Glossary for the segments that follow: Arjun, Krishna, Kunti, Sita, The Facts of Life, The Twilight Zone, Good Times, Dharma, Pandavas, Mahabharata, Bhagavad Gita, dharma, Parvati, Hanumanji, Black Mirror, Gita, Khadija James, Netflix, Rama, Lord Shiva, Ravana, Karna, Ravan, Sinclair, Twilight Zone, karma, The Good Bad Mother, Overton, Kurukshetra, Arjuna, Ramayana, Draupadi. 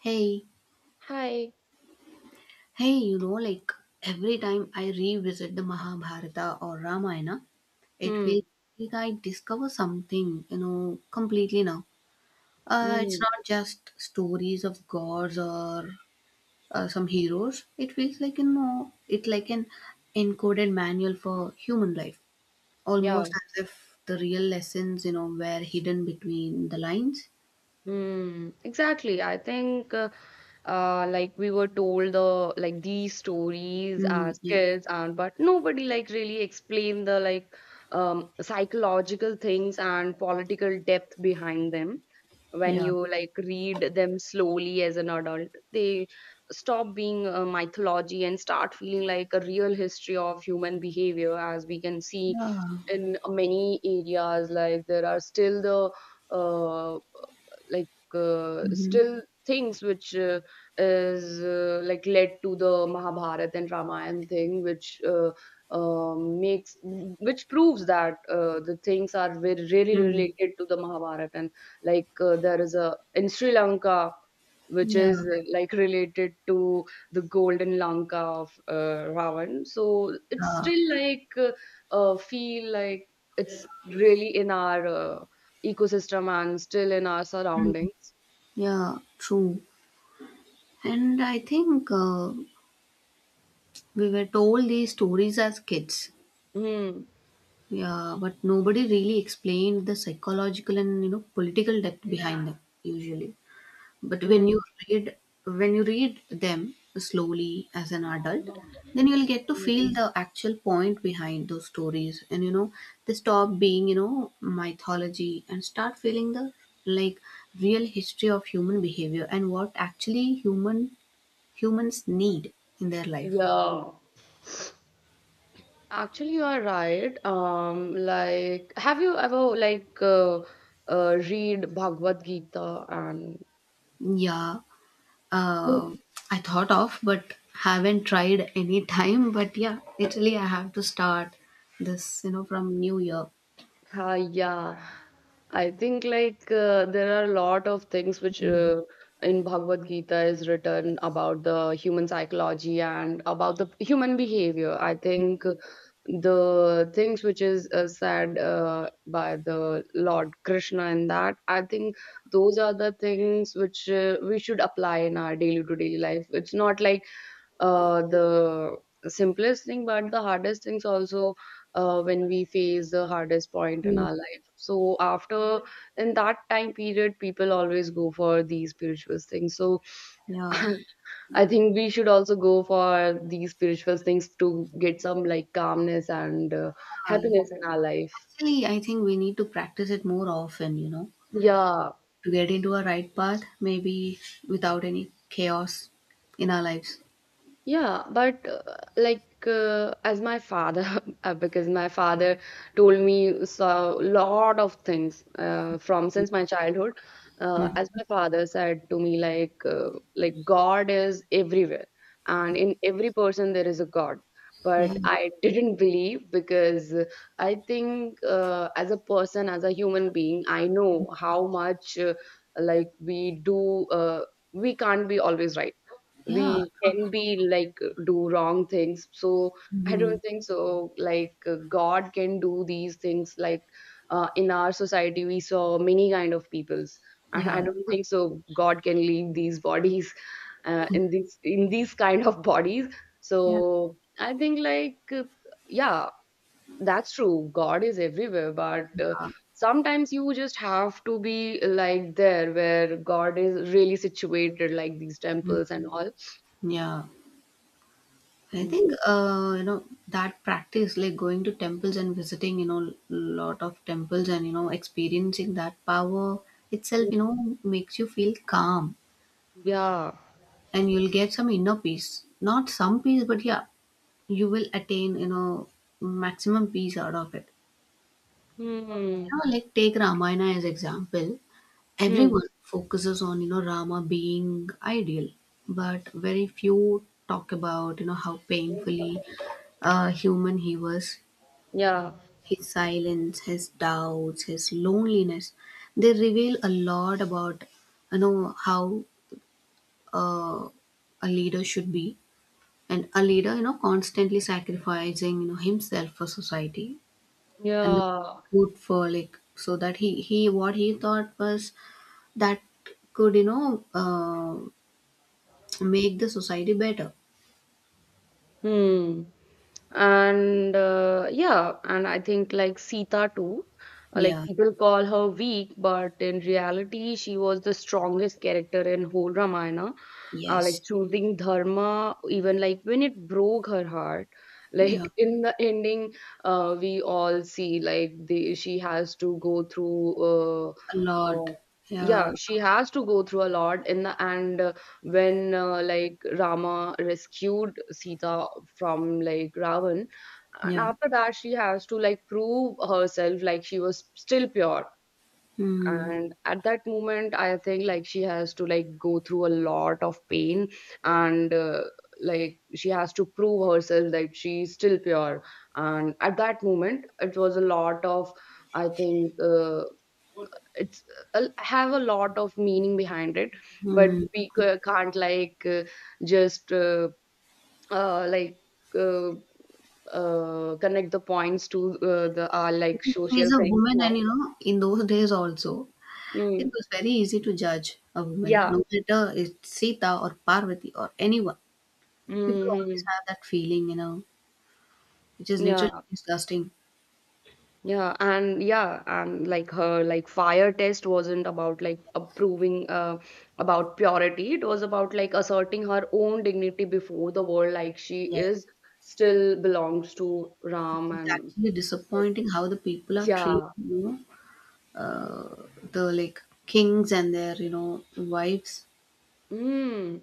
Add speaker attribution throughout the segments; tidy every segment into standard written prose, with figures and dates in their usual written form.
Speaker 1: Hey,
Speaker 2: Hi.
Speaker 1: hey, you know, like every time I revisit the Mahabharata or Ramayana, it
Speaker 2: Hmm.
Speaker 1: feels like I discover something, you know, completely now. It's
Speaker 2: Hmm.
Speaker 1: not just stories of gods or some heroes. It feels like, you know, it's like an encoded manual for human life,
Speaker 2: Yeah,
Speaker 1: almost as if the real lessons, you know, were hidden between the lines.
Speaker 2: Exactly. I think like we were told the like these stories
Speaker 1: Mm,
Speaker 2: as
Speaker 1: yeah,
Speaker 2: kids and but nobody like really explained the psychological things and political depth behind them. When
Speaker 1: yeah,
Speaker 2: you like read them slowly as an adult, they stop being a mythology and start feeling like a real history of human behavior, as we can see
Speaker 1: yeah.
Speaker 2: in many areas. Like there are still the uh, like
Speaker 1: Hmm.
Speaker 2: still things which is like led to the Mahabharata and Ramayana thing, which makes which proves that the things are very really
Speaker 1: Hmm.
Speaker 2: related to the Mahabharata and like there is a in Sri Lanka which is
Speaker 1: Yeah.
Speaker 2: like related to the golden Lanka of Ravan. So it's
Speaker 1: Yeah.
Speaker 2: still like feel like it's really in our ecosystem and still in our
Speaker 1: Hmm.
Speaker 2: surroundings.
Speaker 1: Yeah, true. And I think we were told these stories as kids.
Speaker 2: Hmm.
Speaker 1: Yeah, but nobody really explained the psychological and you know political depth behind them usually. But
Speaker 2: Hmm.
Speaker 1: read when you read them slowly as an adult, then you'll get to
Speaker 2: hmm.
Speaker 1: feel the actual point behind those stories, and you know they stop being you know mythology and start feeling the like real history of human behavior and what actually humans need in their life?
Speaker 2: Yeah. Actually, you are right. Like, have you ever read Bhagavad Gita and
Speaker 1: Yeah, uh, I thought of, but haven't tried any time. But yeah, literally, I have to start this, you know, from New Year.
Speaker 2: Yeah, I think like there are a lot of things which in Bhagavad Gita is written about the human psychology and about the human behavior. I think the things which is said by the Lord Krishna in that, I think those are the things which we should apply in our daily to daily life. It's not like the simplest thing, but the hardest things also when we face the hardest point in
Speaker 1: Mm.
Speaker 2: our life. So after in that time period, people always go for these spiritual things. So
Speaker 1: Yeah,
Speaker 2: I think we should also go for these spiritual things to get some like calmness and
Speaker 1: uh,
Speaker 2: happiness in our life.
Speaker 1: actually, I think we need to practice it more often, you know,
Speaker 2: Yeah.
Speaker 1: to get into a right path, maybe without any chaos in our lives.
Speaker 2: Yeah, but as my father, because my father told me so lot of things from since my childhood.
Speaker 1: Mm.
Speaker 2: As my father said to me, like God is everywhere, and in every person there is a God.
Speaker 1: Yeah,
Speaker 2: But I didn't believe because I think as a person, as a human being, I know how much like we do. We can't be always right,
Speaker 1: yeah,
Speaker 2: we can be like do wrong things. So I
Speaker 1: hmm,
Speaker 2: don't think so like God can do these things like in our society we saw many kind of peoples, and
Speaker 1: yeah,
Speaker 2: I don't think so God can leave these bodies in these kind of bodies. So
Speaker 1: yeah,
Speaker 2: I think like yeah, that's true, God is everywhere but sometimes you just have to be like there where God is really situated like these temples and all.
Speaker 1: yeah. I think you know that practice, like going to temples and visiting, you know, lot of temples and you know experiencing that power itself, you know, makes you feel calm,
Speaker 2: Yeah.
Speaker 1: and you'll get some inner peace. Not some peace, but yeah, you will attain you know maximum peace out of it.
Speaker 2: Hmm.
Speaker 1: You know, like take Ramayana as example.
Speaker 2: Hmm.
Speaker 1: Everyone focuses on you know Rama being ideal, but very few talk about you know how painfully human he was.
Speaker 2: Yeah.
Speaker 1: His silence, his doubts, his loneliness, they reveal a lot about you know how uh, a leader should be, and a leader you know constantly sacrificing you know himself for society and the
Speaker 2: Yeah.
Speaker 1: good for like so that he what he thought was that could you know make the society better.
Speaker 2: Hmm. And yeah, and I think like Sita too, like
Speaker 1: Yeah.
Speaker 2: people call her weak, but in reality, she was the strongest character in whole Ramayana.
Speaker 1: Yes.
Speaker 2: Like choosing dharma, even like when it broke her heart.
Speaker 1: Yeah.
Speaker 2: Like in the ending, we all see like she has to go through
Speaker 1: A lot.
Speaker 2: Oh. Yeah,
Speaker 1: Yeah.
Speaker 2: she has to go through a lot in the and when like Rama rescued Sita from like Ravan, and
Speaker 1: Yeah.
Speaker 2: after that she has to like prove herself like she was still pure,
Speaker 1: Hmm.
Speaker 2: and at that moment I think like she has to like go through a lot of pain, and like she has to prove herself that she's still pure, and at that moment it was a lot of, I think it's have a lot of meaning behind it, but
Speaker 1: Hmm.
Speaker 2: we can't like just like uh, connect the points to the our like
Speaker 1: Because
Speaker 2: social
Speaker 1: she's a
Speaker 2: thing
Speaker 1: woman and
Speaker 2: now.
Speaker 1: you know, in those days also, it
Speaker 2: mm.
Speaker 1: was very easy to judge a woman,
Speaker 2: yeah
Speaker 1: no matter it's Sita or Parvati or anyone. People always
Speaker 2: hmm
Speaker 1: have that feeling, you know, which is literally
Speaker 2: Yeah,
Speaker 1: disgusting.
Speaker 2: yeah, and yeah, and like her like fire test wasn't about like approving about purity. It was about like asserting her own dignity before the world, like she is
Speaker 1: Yes.
Speaker 2: still belongs to Ram
Speaker 1: It's
Speaker 2: and
Speaker 1: actually disappointing how the people are treating,
Speaker 2: yeah.
Speaker 1: you know, the like kings and their, you know, wives.
Speaker 2: Mm,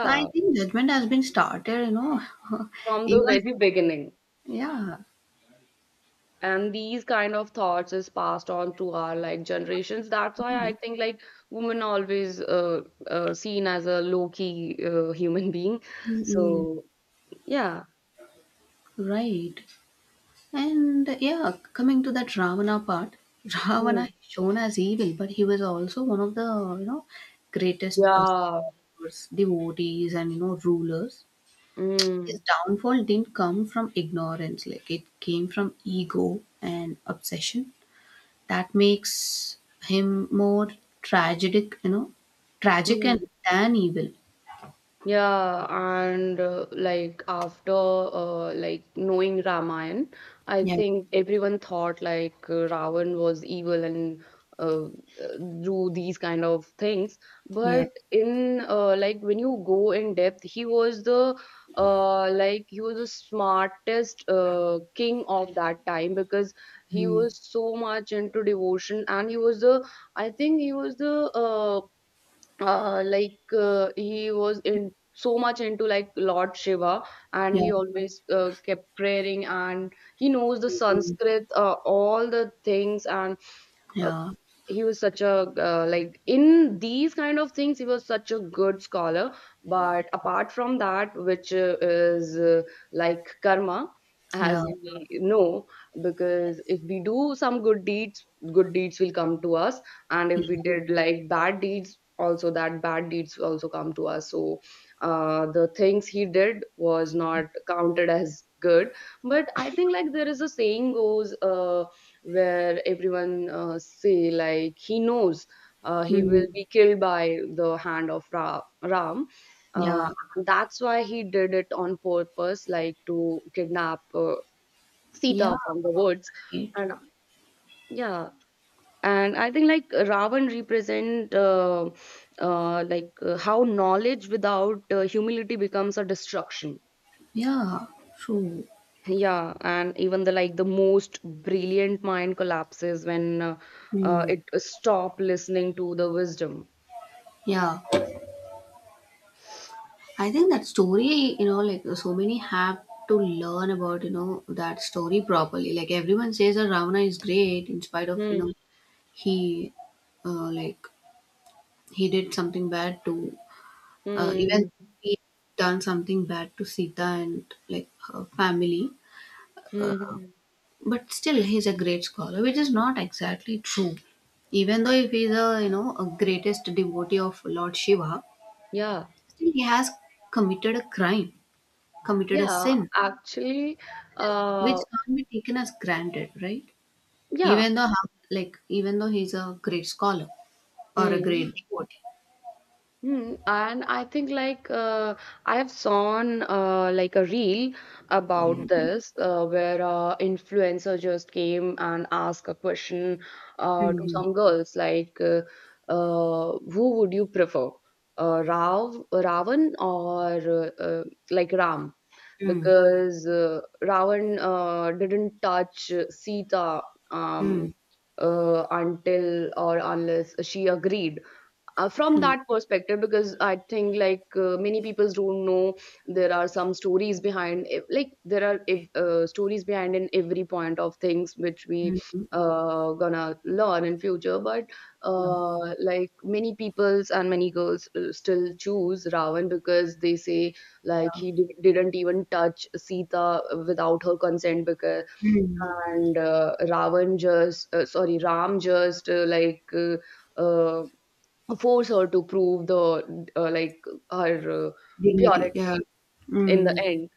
Speaker 1: So I think judgment has been started, you know,
Speaker 2: from the
Speaker 1: even,
Speaker 2: very beginning.
Speaker 1: yeah,
Speaker 2: And these kind of thoughts is passed on to our like generations. That's why
Speaker 1: yeah.
Speaker 2: I think like women always seen as a low-key human being.
Speaker 1: Mm, mm,
Speaker 2: So yeah.
Speaker 1: right. And yeah, coming to that Ravana part, Ravana
Speaker 2: Mm.
Speaker 1: is shown as evil, but he was also one of the you know greatest
Speaker 2: Yeah.
Speaker 1: followers, devotees, and you know rulers. His
Speaker 2: Mm.
Speaker 1: downfall didn't come from ignorance; like it came from ego and obsession. That makes him more tragic, you know, tragic and
Speaker 2: Mm.
Speaker 1: than evil.
Speaker 2: Yeah, and like after like knowing Ramayana, I
Speaker 1: Yeah,
Speaker 2: think everyone thought like Ravan was evil and do these kind of things.
Speaker 1: yeah,
Speaker 2: But in like when you go in depth, he was the like he was the smartest king of that time because he
Speaker 1: mm,
Speaker 2: was so much into devotion, and he was the, I think he was the he was in so much into like Lord Shiva, and
Speaker 1: yeah,
Speaker 2: he always kept praying, and he knows the
Speaker 1: mm,
Speaker 2: Sanskrit, all the things, and
Speaker 1: yeah,
Speaker 2: he was such a like in these kind of things he was such a good scholar, but apart from that which is like karma, as
Speaker 1: yeah,
Speaker 2: we know, because if we do some good deeds, good deeds will come to us, and
Speaker 1: yeah,
Speaker 2: if we did like bad deeds also, that bad deeds will also come to us. So the things he did was not counted as good, but I think like there is a saying goes where everyone say like he knows he
Speaker 1: mm,
Speaker 2: will be killed by the hand of Ram.
Speaker 1: yeah,
Speaker 2: Uh, that's why he did it on purpose, like to kidnap
Speaker 1: yeah,
Speaker 2: Sita from the woods.
Speaker 1: right.
Speaker 2: And yeah, and I think like Ravan represent how knowledge without humility becomes a destruction.
Speaker 1: Yeah, true.
Speaker 2: Yeah, and even the like the most brilliant mind collapses when
Speaker 1: Hmm.
Speaker 2: it stop listening to the wisdom.
Speaker 1: Yeah, I think that story, you know, like so many have to learn about, you know, that story properly. Like everyone says that Ravana is great in spite of, you
Speaker 2: Hmm.
Speaker 1: know, he, like, he did something bad to, even
Speaker 2: Hmm.
Speaker 1: he done something bad to Sita and, like, her family.
Speaker 2: Hmm.
Speaker 1: But still, he's a great scholar, which is not exactly true. Even though if he's a, you know, a greatest devotee of Lord Shiva,
Speaker 2: Yeah.
Speaker 1: still, he has committed a crime, committed a
Speaker 2: Yeah.
Speaker 1: sin,
Speaker 2: Actually,
Speaker 1: which
Speaker 2: uh,
Speaker 1: can't be taken as granted, right?
Speaker 2: yeah.
Speaker 1: Even though, how, like, even though he's a great scholar or a great
Speaker 2: Hmm.
Speaker 1: devotee.
Speaker 2: Hmm, and I think like I have seen like a reel about this where influencer just came and asked a question to
Speaker 1: Mm,
Speaker 2: some girls who would you prefer, Ravan or like Ram,
Speaker 1: mm,
Speaker 2: because Ravan didn't touch Sita, um,
Speaker 1: mm,
Speaker 2: until or unless she agreed, from
Speaker 1: mm,
Speaker 2: that perspective, because I think like many people don't know there are some stories behind like there are, if, stories behind in every point of things which we
Speaker 1: mm, mm,
Speaker 2: gonna learn in future. But
Speaker 1: yeah, yeah.
Speaker 2: like many peoples and many girls still choose Ravan because they say like he didn't even touch Sita without her consent. Because
Speaker 1: Mm,
Speaker 2: and Ravan just sorry, Ram just uh, force her to prove the like her
Speaker 1: dignity,
Speaker 2: purity
Speaker 1: yeah.
Speaker 2: in the
Speaker 1: Mm,
Speaker 2: end.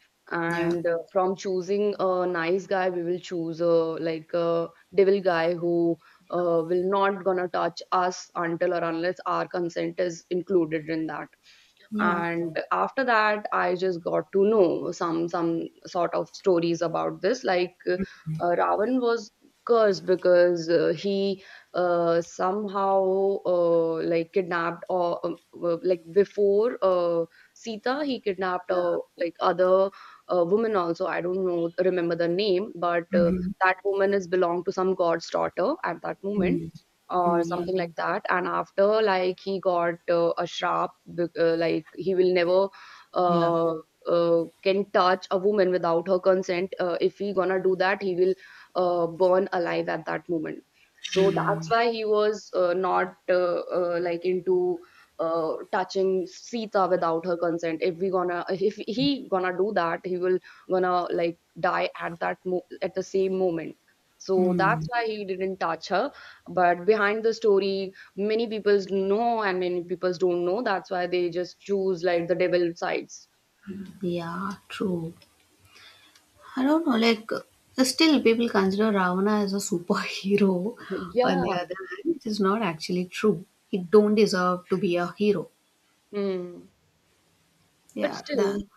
Speaker 1: yeah,
Speaker 2: And from choosing a nice guy, we will choose a like a devil guy who will not gonna touch us until or unless our consent is included in that.
Speaker 1: yeah,
Speaker 2: And after that I just got to know some sort of stories about this, like Ravan was cursed because he somehow like kidnapped or like before Sita he kidnapped
Speaker 1: yeah.
Speaker 2: like other woman also, I don't know remember the name, but
Speaker 1: Mm-hmm.
Speaker 2: that woman is belong to some god's daughter at that moment
Speaker 1: Mm,
Speaker 2: or
Speaker 1: mm, yeah,
Speaker 2: something like that. And after like he got a sharp like he will never
Speaker 1: yeah.
Speaker 2: uh, can touch a woman without her consent. If he gonna do that he will burn alive at that moment. So that's why he was not like into touching Sita without her consent. If we gonna if he gonna do that he will gonna like die at that at the same moment. So that's
Speaker 1: Mm,
Speaker 2: why he didn't touch her. But behind the story many people's know and many people's don't know, that's why they just choose like the devil sides.
Speaker 1: yeah, true. I don't know, like still people consider Ravana as a superhero. On
Speaker 2: yeah
Speaker 1: the other hand, it is not actually true. He don't deserve to be a hero.
Speaker 2: mm. But
Speaker 1: Yeah, that.
Speaker 2: still,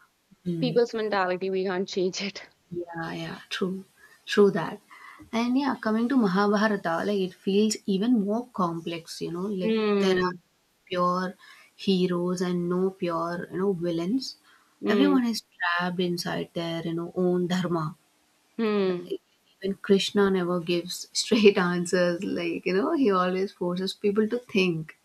Speaker 1: Mm,
Speaker 2: people's mentality we can't change it.
Speaker 1: yeah, yeah, true, true that. And yeah, coming to Mahabharata, like it feels even more complex. You know, like there are
Speaker 2: Hmm.
Speaker 1: pure heroes and no pure, you know, villains.
Speaker 2: Hmm.
Speaker 1: Everyone is trapped inside their, you know, own dharma.
Speaker 2: Hmm.
Speaker 1: Even Krishna never gives straight answers. Like, you know, he always forces people to think.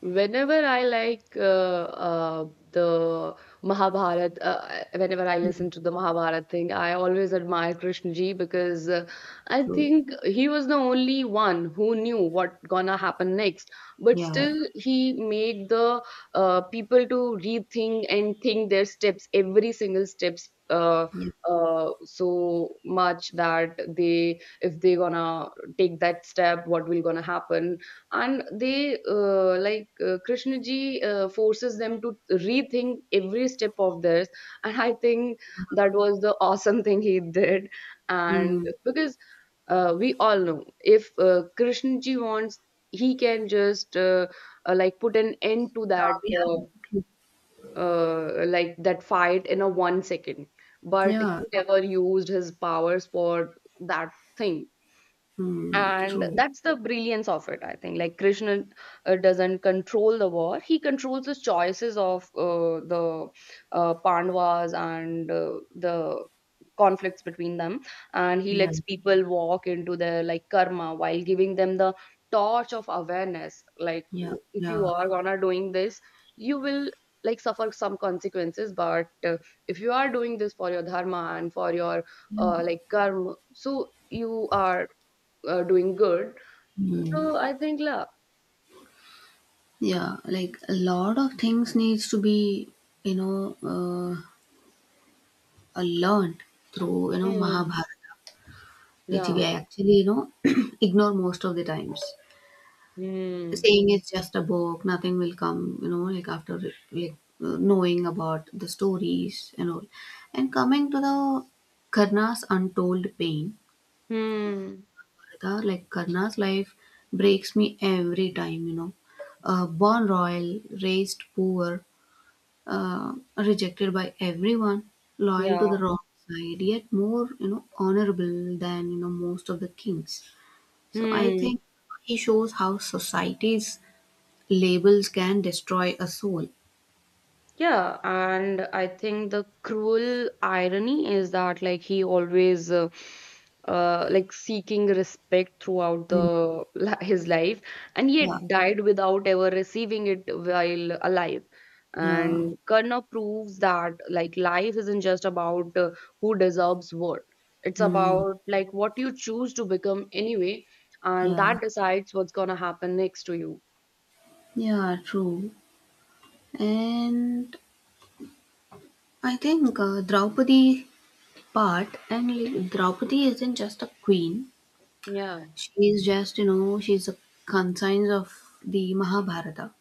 Speaker 2: Whenever I like the Mahabharat, whenever I
Speaker 1: Mm,
Speaker 2: listen to the Mahabharat thing, I always admire Krishna ji, because I
Speaker 1: true.
Speaker 2: think he was the only one who knew what gonna happen next. But
Speaker 1: Yeah.
Speaker 2: still, he made the people to rethink and think their steps, every single steps.
Speaker 1: Yeah.
Speaker 2: So much that they, if they gonna take that step, what will gonna happen. And they, like Krishnaji forces them to rethink every step of this. And I think that was the awesome thing he did. And
Speaker 1: Mm.
Speaker 2: because we all know, if Krishnaji wants, he can just like put an end to that,
Speaker 1: Yeah,
Speaker 2: uh,
Speaker 1: true.
Speaker 2: like that fight in a 1 second. But he
Speaker 1: Yeah.
Speaker 2: never used his powers for that thing.
Speaker 1: Mm,
Speaker 2: And
Speaker 1: true.
Speaker 2: that's the brilliance of it. I think like Krishna doesn't control the war, he controls the choices of the Pandavas and the conflicts between them. And he
Speaker 1: Yeah.
Speaker 2: lets people walk into their like karma while giving them the torch of awareness. Like,
Speaker 1: Yeah.
Speaker 2: if you
Speaker 1: Yeah.
Speaker 2: are gonna doing this, you will like suffer some consequences. But if you are doing this for your dharma and for your like karma, so you are doing good. So
Speaker 1: Mm.
Speaker 2: I think, la.
Speaker 1: Yeah. Like a lot of things needs to be, you know, learned through, you know,
Speaker 2: Hmm.
Speaker 1: Mahabharata, which we
Speaker 2: Yeah.
Speaker 1: actually, you know, ignore most of the times,
Speaker 2: Hmm.
Speaker 1: saying it's just a book, nothing will come, you know, like after like knowing about the stories and all, and coming to the Karna's untold pain,
Speaker 2: Hmm.
Speaker 1: the like Karna's life breaks me every time, you know, born royal, raised poor, rejected by everyone, loyal to
Speaker 2: Yeah.
Speaker 1: the wrong side, yet more you know honorable than you know most of the kings. So I
Speaker 2: Hmm.
Speaker 1: think he shows how society labels can destroy a soul.
Speaker 2: Yeah, and I think the cruel irony is that like he always like seeking respect throughout
Speaker 1: Mm,
Speaker 2: the his life, and
Speaker 1: yeah,
Speaker 2: yet died without ever receiving it while alive.
Speaker 1: yeah,
Speaker 2: And Karna proves that like life isn't just about who deserves what. It's
Speaker 1: mm,
Speaker 2: about like what you choose to become anyway, and
Speaker 1: yeah,
Speaker 2: that decides what's gonna happen next to you.
Speaker 1: yeah, true. And I think Draupadi part, and like, Draupadi isn't just a queen.
Speaker 2: Yeah.
Speaker 1: She's just you know she's a conscience of the Mahabharata.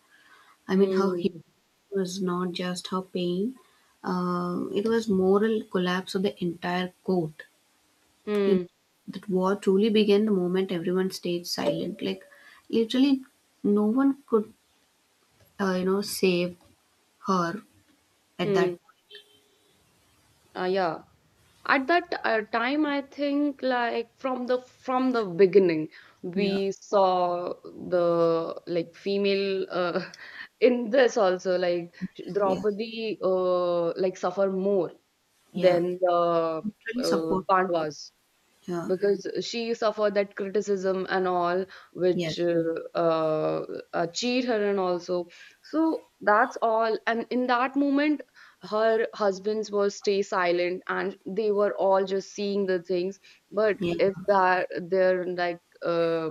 Speaker 1: I mean, her hero
Speaker 2: Hmm.
Speaker 1: was not just her pain. It was moral collapse of the entire court. You
Speaker 2: Hmm.
Speaker 1: that war truly began the moment everyone stayed silent. Like literally, no one could you know save her at that
Speaker 2: Hmm.
Speaker 1: point.
Speaker 2: Yeah. At that time, I think like from the beginning
Speaker 1: Yeah,
Speaker 2: we saw the like female, in this also, like
Speaker 1: yeah,
Speaker 2: Draupadi like suffer more
Speaker 1: yeah.
Speaker 2: than the
Speaker 1: Literally support.
Speaker 2: Pandavas
Speaker 1: Yeah.
Speaker 2: because she suffered that criticism and all, which
Speaker 1: Yes.
Speaker 2: cheat her and also. So that's all. And in that moment her husbands were stay silent and they were all just seeing the things. But
Speaker 1: Yeah.
Speaker 2: if that they're like, uh,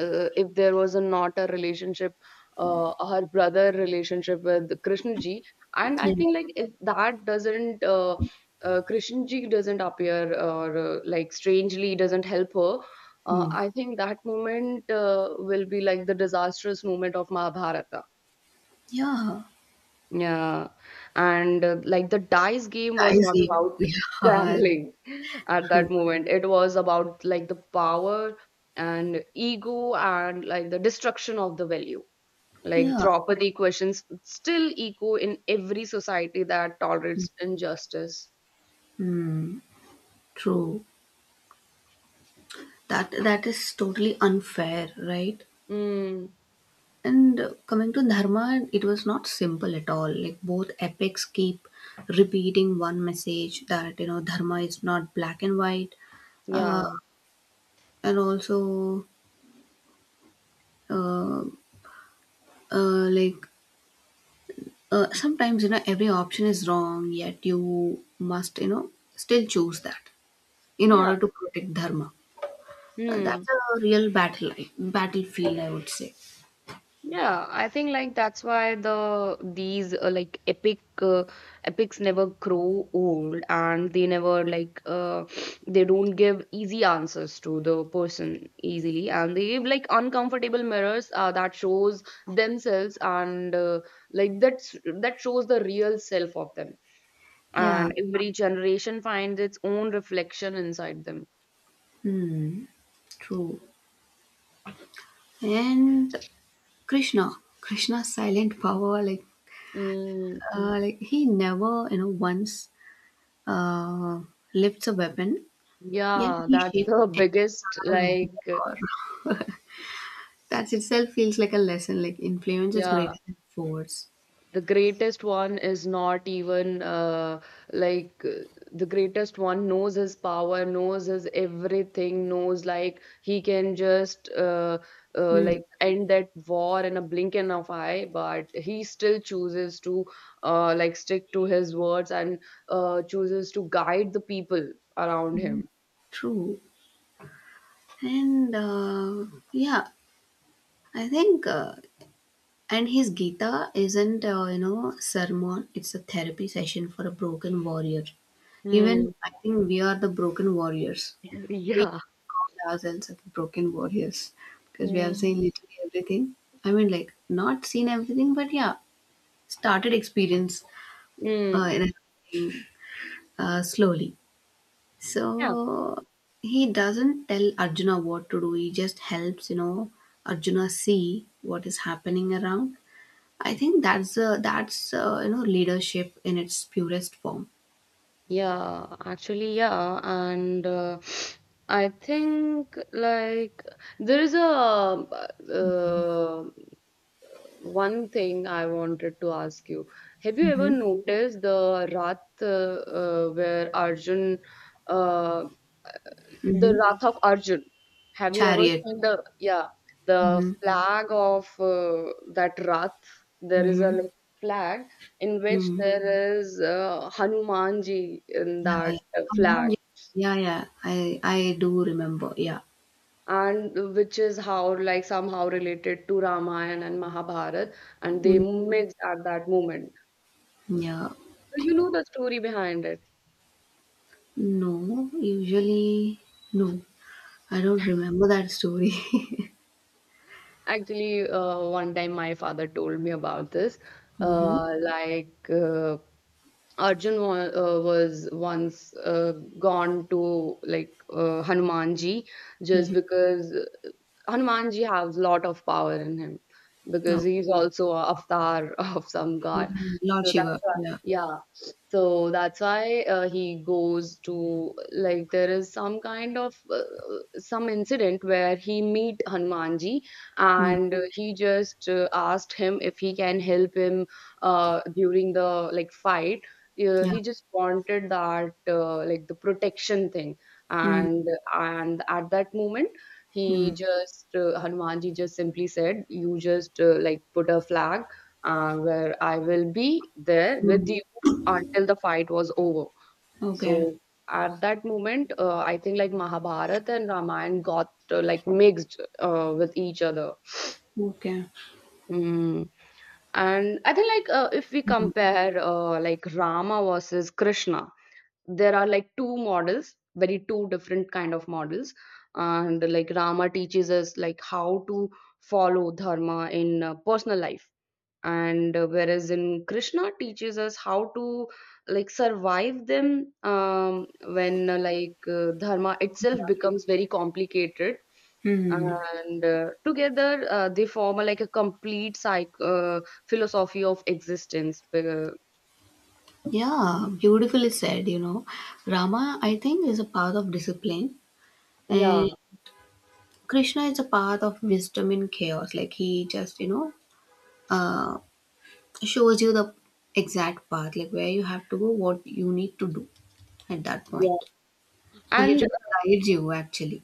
Speaker 2: uh, if there was a not a relationship, her brother relationship with Krishnaji. And I
Speaker 1: Yeah.
Speaker 2: think like if that doesn't, Krishnaji doesn't appear or like strangely doesn't help her,
Speaker 1: Hmm.
Speaker 2: I think that moment will be like the disastrous moment of Mahabharata.
Speaker 1: Yeah.
Speaker 2: Yeah, and like the dice game was
Speaker 1: I
Speaker 2: not
Speaker 1: see.
Speaker 2: about
Speaker 1: Yeah.
Speaker 2: gambling, at
Speaker 1: True.
Speaker 2: that moment. It was about like the power and ego and like the destruction of the value. Like
Speaker 1: Yeah.
Speaker 2: Draupadi questions still echo in every society that tolerates injustice.
Speaker 1: Hmm. True. That that is totally unfair, right?
Speaker 2: Mm.
Speaker 1: And coming to Dharma, it was not simple at all. Like both epics keep repeating one message that you know Dharma is not black and white, uh,
Speaker 2: Yeah.
Speaker 1: and also uh, uh, like sometimes you know every option is wrong, yet you must you know still choose that in
Speaker 2: Yeah.
Speaker 1: order to protect Dharma.
Speaker 2: Hmm.
Speaker 1: That's a real battlefield, I would say.
Speaker 2: Yeah, I think like that's why these like epic epics never grow old. And they never like they don't give easy answers to the person easily. And they give like uncomfortable mirrors that shows themselves. And like that shows the real self of them.
Speaker 1: Yeah.
Speaker 2: And every generation finds its own reflection inside them.
Speaker 1: Hmm. True. And Krishna, Krishna's silent power, like
Speaker 2: Mm.
Speaker 1: like he never, you know, once uh, lifts a weapon, yet
Speaker 2: Yeah,
Speaker 1: he
Speaker 2: that's
Speaker 1: shaped the
Speaker 2: the biggest,
Speaker 1: entire
Speaker 2: like,
Speaker 1: war. That itself feels like a lesson. Like influence is
Speaker 2: yeah.
Speaker 1: greater than force.
Speaker 2: The greatest one is not even, like uh, the greatest one knows his power, knows his everything, knows like he can just
Speaker 1: Mm,
Speaker 2: like end that war in a blink of eye. But he still chooses to like stick to his words and chooses to guide the people around him.
Speaker 1: true. And yeah, I think. And his Gita isn't, you know, sermon. It's a therapy session for a broken warrior. Even I
Speaker 2: Hmm.
Speaker 1: think we are the broken warriors. We
Speaker 2: Yeah.
Speaker 1: ourselves as broken warriors because we have
Speaker 2: Mm.
Speaker 1: seen literally everything. I mean, like, not seen everything, but yeah, started experience
Speaker 2: Mm.
Speaker 1: in everything slowly.
Speaker 2: Yeah.
Speaker 1: So he doesn't tell Arjuna what to do, he just helps, you know, Arjuna see what is happening around. I think that's you know leadership in its purest form.
Speaker 2: Yeah, actually, yeah, and I think like there is a, uh, one thing I wanted to ask you. Have you ever
Speaker 1: Mm-hmm.
Speaker 2: noticed the Rath, where Arjun, uh, the
Speaker 1: Mm-hmm.
Speaker 2: Wrath of Arjun? Have you ever
Speaker 1: Chariot.
Speaker 2: seen the, yeah, the
Speaker 1: Mm-hmm.
Speaker 2: flag of that Rath? There is a,
Speaker 1: Mm-hmm.
Speaker 2: like, flag in which
Speaker 1: Mm-hmm.
Speaker 2: there is Hanumanji in
Speaker 1: Yeah,
Speaker 2: that
Speaker 1: yeah.
Speaker 2: flag,
Speaker 1: Um, yeah, yeah. I do remember. Yeah.
Speaker 2: and which is how like somehow related to Ramayana and Mahabharata, and they
Speaker 1: Mm.
Speaker 2: mixed at that moment.
Speaker 1: Yeah.
Speaker 2: So you know the story behind it.
Speaker 1: No, usually no. I don't remember that story.
Speaker 2: Actually, one time my father told me about this.
Speaker 1: Mm-hmm.
Speaker 2: Uh, like uh, Arjun was once gone to like Hanumanji,
Speaker 1: Mm-hmm.
Speaker 2: just because Hanumanji has lot of power in him, because
Speaker 1: Okay.
Speaker 2: he's also a avatar of some
Speaker 1: Yeah.
Speaker 2: god.
Speaker 1: Lord
Speaker 2: So
Speaker 1: Shiva.
Speaker 2: that's why,
Speaker 1: Yeah.
Speaker 2: yeah. So that's why he goes to, like, there is some kind of some incident where he meet Hanumanji,
Speaker 1: Mm.
Speaker 2: and he just asked him if he can help him during the like fight.
Speaker 1: Yeah.
Speaker 2: He just wanted that, like the protection thing,
Speaker 1: Mm.
Speaker 2: and and at that moment
Speaker 1: Mm.
Speaker 2: he just, Hanumanji just simply said, "You just like put a flag where I will be there with
Speaker 1: Mm.
Speaker 2: you until the fight was over."
Speaker 1: Okay.
Speaker 2: So at that moment, I think like Mahabharata and Ramayana got like mixed with each other.
Speaker 1: Okay.
Speaker 2: Mm. And I think like, if we
Speaker 1: Mm.
Speaker 2: compare like Rama versus Krishna, there are like two models, very two different kind of models. And like Rama teaches us like how to follow dharma in personal life. And whereas in Krishna teaches us how to like survive them, when dharma itself becomes very complicated.
Speaker 1: Mm.
Speaker 2: And together, they form a, like a complete psych philosophy of existence.
Speaker 1: Yeah, beautifully said, you know. Rama, I think, is a path of discipline, and
Speaker 2: Yeah.
Speaker 1: Krishna is a path of wisdom in chaos. Like, he just, you know, uh, shows you the exact path, like where you have to go, what you need to do at that
Speaker 2: Yeah.
Speaker 1: point. He
Speaker 2: And
Speaker 1: literally guides you actually.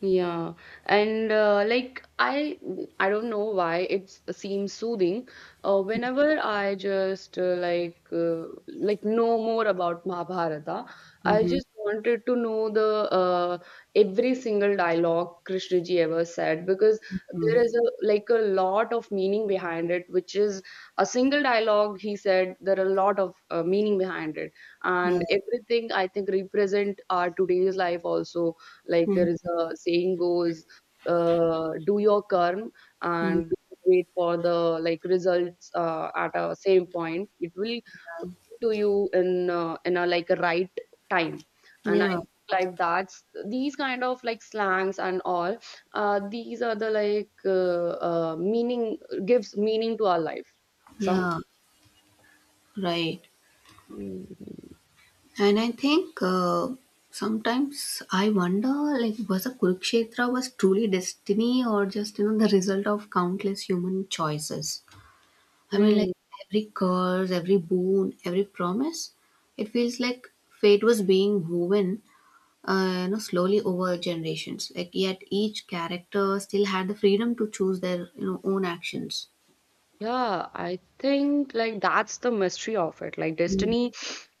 Speaker 2: yeah, and like I don't know why it seems soothing whenever I just like know more about Mahabharata. I
Speaker 1: Mm-hmm.
Speaker 2: just wanted to know the, every single dialogue Krishna ji ever said, because there
Speaker 1: Mm.
Speaker 2: is a like a lot of meaning behind it, which is a single dialogue he said there are a lot of meaning behind it.
Speaker 1: Yeah.
Speaker 2: And everything, I think, represent our today's life also. Like there is
Speaker 1: Mm-hmm.
Speaker 2: a saying goes, do your karm and wait for the like results at a same point. It will
Speaker 1: Yeah.
Speaker 2: come to you in a like a right time. And I
Speaker 1: Yeah.
Speaker 2: think like that's these kind of like slangs and all. These are the like, meaning gives meaning to our life. Some.
Speaker 1: Yeah. Right. And I think sometimes I wonder, like, was a Kurukshetra was truly destiny or just you know the result of countless human choices? I mean, like
Speaker 2: Mhm.
Speaker 1: every curse, every boon, every promise, it feels like fate was being woven you know slowly over generations, like yet each character still had the freedom to choose their you know own actions.
Speaker 2: Yeah, I think like that's the mystery of it. Like
Speaker 1: Mm,
Speaker 2: destiny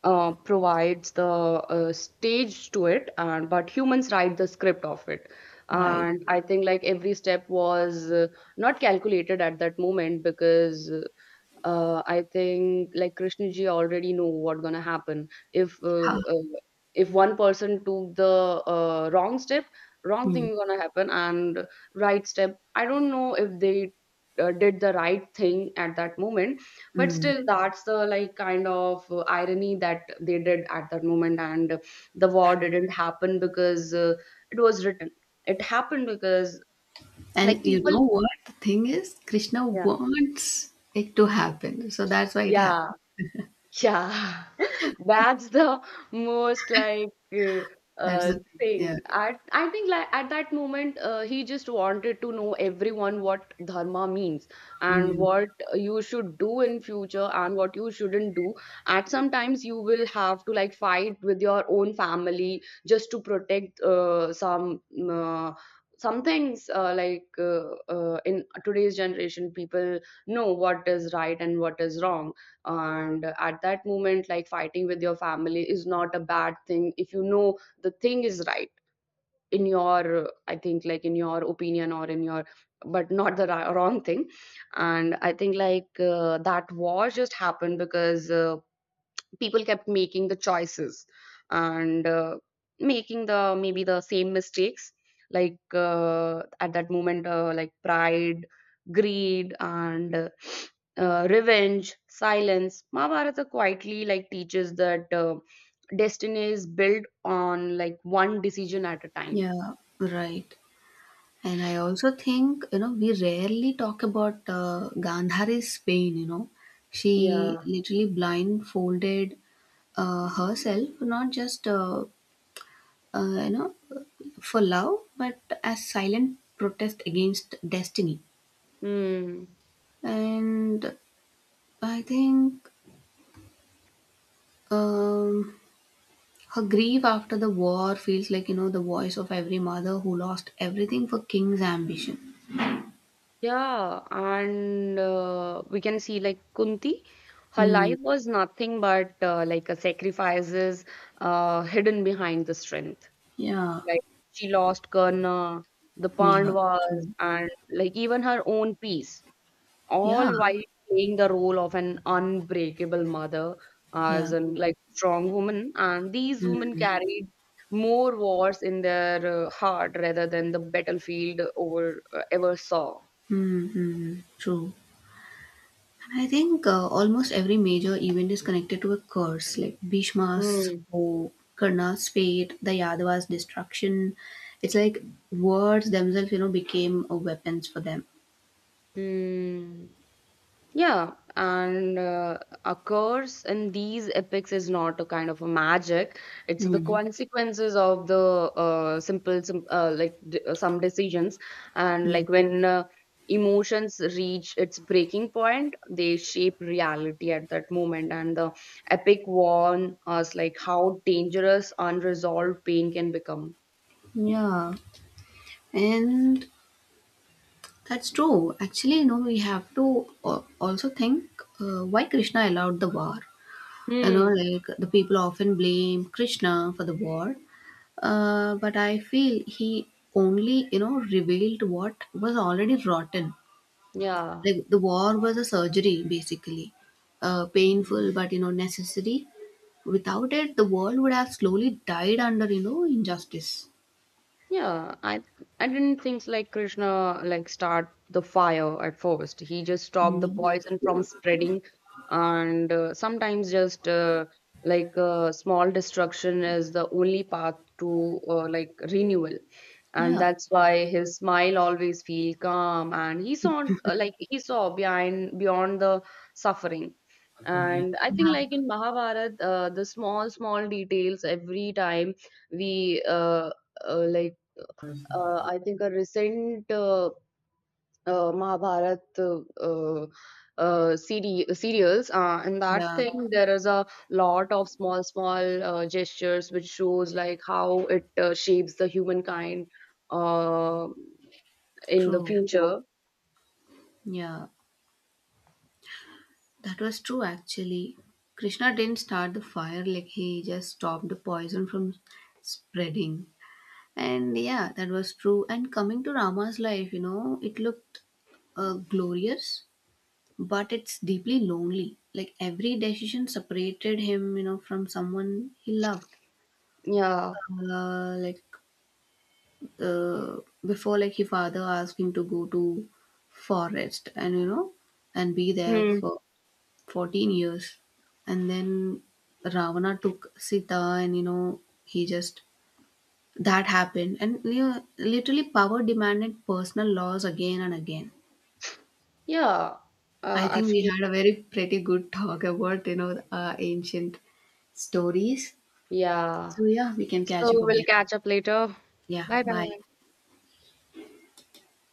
Speaker 2: provides the stage to it. And but humans write the script of it.
Speaker 1: right.
Speaker 2: And I think like every step was not calculated at that moment, because I think like Krishna ji already know what gonna happen if,
Speaker 1: Ha.
Speaker 2: if one person took the wrong step, wrong
Speaker 1: Hmm.
Speaker 2: thing gonna happen, and right step. I don't know if they did the right thing at that moment, but
Speaker 1: Hmm.
Speaker 2: still, that's the like kind of irony that they did at that moment. And the war didn't happen because it was written. It happened because like
Speaker 1: And you know
Speaker 2: people.
Speaker 1: what the thing is, Krishna
Speaker 2: Yeah.
Speaker 1: wants it to happen, so that's why it
Speaker 2: Yeah.
Speaker 1: happened.
Speaker 2: Yeah, that's the most like,
Speaker 1: That's the thing,
Speaker 2: thing.
Speaker 1: yeah.
Speaker 2: I think like at that moment he just wanted to know everyone what dharma means and
Speaker 1: Hmm.
Speaker 2: what you should do in future and what you shouldn't do. At sometimes you will have to like fight with your own family just to protect uh, some things, in today's generation. People know what is right and what is wrong. And at that moment, like fighting with your family is not a bad thing if you know the thing is right in your, I think like in your opinion or in your, but not the wrong thing. And I think like that war just happened because people kept making the choices, and making the maybe the same mistakes. Like at that moment, like pride, greed, and revenge silence Mahabharata quietly like teaches that destiny is built on like one decision at a time.
Speaker 1: Yeah, right. And I also think you know we rarely talk about Gandhari's pain, you know, she
Speaker 2: Yeah.
Speaker 1: literally blindfolded herself, not just you know for love, but as silent protest against destiny.
Speaker 2: Hmm.
Speaker 1: And I think um, her grief after the war feels like you know the voice of every mother who lost everything for king's ambition.
Speaker 2: Yeah, and we can see like Kunti, her
Speaker 1: Hmm.
Speaker 2: life was nothing but like a sacrifices hidden behind the strength.
Speaker 1: Yeah,
Speaker 2: Like she lost Karna, the
Speaker 1: yeah,
Speaker 2: Pandavas,
Speaker 1: true,
Speaker 2: and like even her own peace,
Speaker 1: yeah,
Speaker 2: all while playing the role of an unbreakable mother, as
Speaker 1: yeah,
Speaker 2: an like strong woman. And these women carried more wars in their heart rather than the battlefield over ever saw.
Speaker 1: mm-hmm, true. I think almost every major event is connected to a curse, like Bhishma's
Speaker 2: Hmm.
Speaker 1: or Karna's fate, the Yadava's destruction. It's like words themselves, you know, became weapons for them.
Speaker 2: Hmm. Yeah, and occurs in these epics is not a kind of a magic. It's the
Speaker 1: Hmm.
Speaker 2: consequences of the simple, sim like d some decisions. And
Speaker 1: Yeah.
Speaker 2: like when emotions reach its breaking point, they shape reality at that moment. And the epic warn us like how dangerous unresolved pain can become.
Speaker 1: Yeah. And that's true. Actually, you know, we have to also think why Krishna allowed the war. You know,
Speaker 2: Hmm.
Speaker 1: like the people often blame Krishna for the war, but I feel he only you know revealed what was already rotten.
Speaker 2: Yeah.
Speaker 1: Like the war was a surgery basically, painful but you know necessary. Without it the world would have slowly died under you know injustice.
Speaker 2: Yeah, I didn't think like Krishna like start the fire at first. He just stopped the
Speaker 1: Mm,
Speaker 2: poison from spreading. And sometimes just, small destruction is the only path to like renewal. And
Speaker 1: yeah,
Speaker 2: that's why his smile always feel calm. And he saw, like he saw behind beyond the suffering. And I
Speaker 1: yeah,
Speaker 2: think, like in Mahabharata, the small, small details every time we, uh, like I think a recent, Mahabharat, CD, serials, and that
Speaker 1: yeah,
Speaker 2: thing there is a lot of small, small gestures which shows like how it shapes the humankind uh, in the
Speaker 1: true,
Speaker 2: future.
Speaker 1: yeah. That was true actually. Krishna didn't start the fire, like he just stopped the poison from spreading. And yeah, that was true. And coming to Rama's life, you know, it looked glorious, but it's deeply lonely. Like every decision separated him, you know, from someone he loved.
Speaker 2: Yeah.
Speaker 1: Uh, like uh, Before, like his father asked him to go to forest and you know, and be there
Speaker 2: Hmm.
Speaker 1: for 14 years, and then Ravana took Sita, and you know he just that happened, and you know, literally power demanded personal laws again and again.
Speaker 2: Yeah.
Speaker 1: I think we
Speaker 2: Actually,
Speaker 1: had a very pretty good talk about you know ancient stories,
Speaker 2: yeah.
Speaker 1: so yeah we can
Speaker 2: So
Speaker 1: catch up
Speaker 2: we'll
Speaker 1: again.
Speaker 2: catch up later.
Speaker 1: Yeah,
Speaker 2: Bye
Speaker 1: bye.
Speaker 2: bye.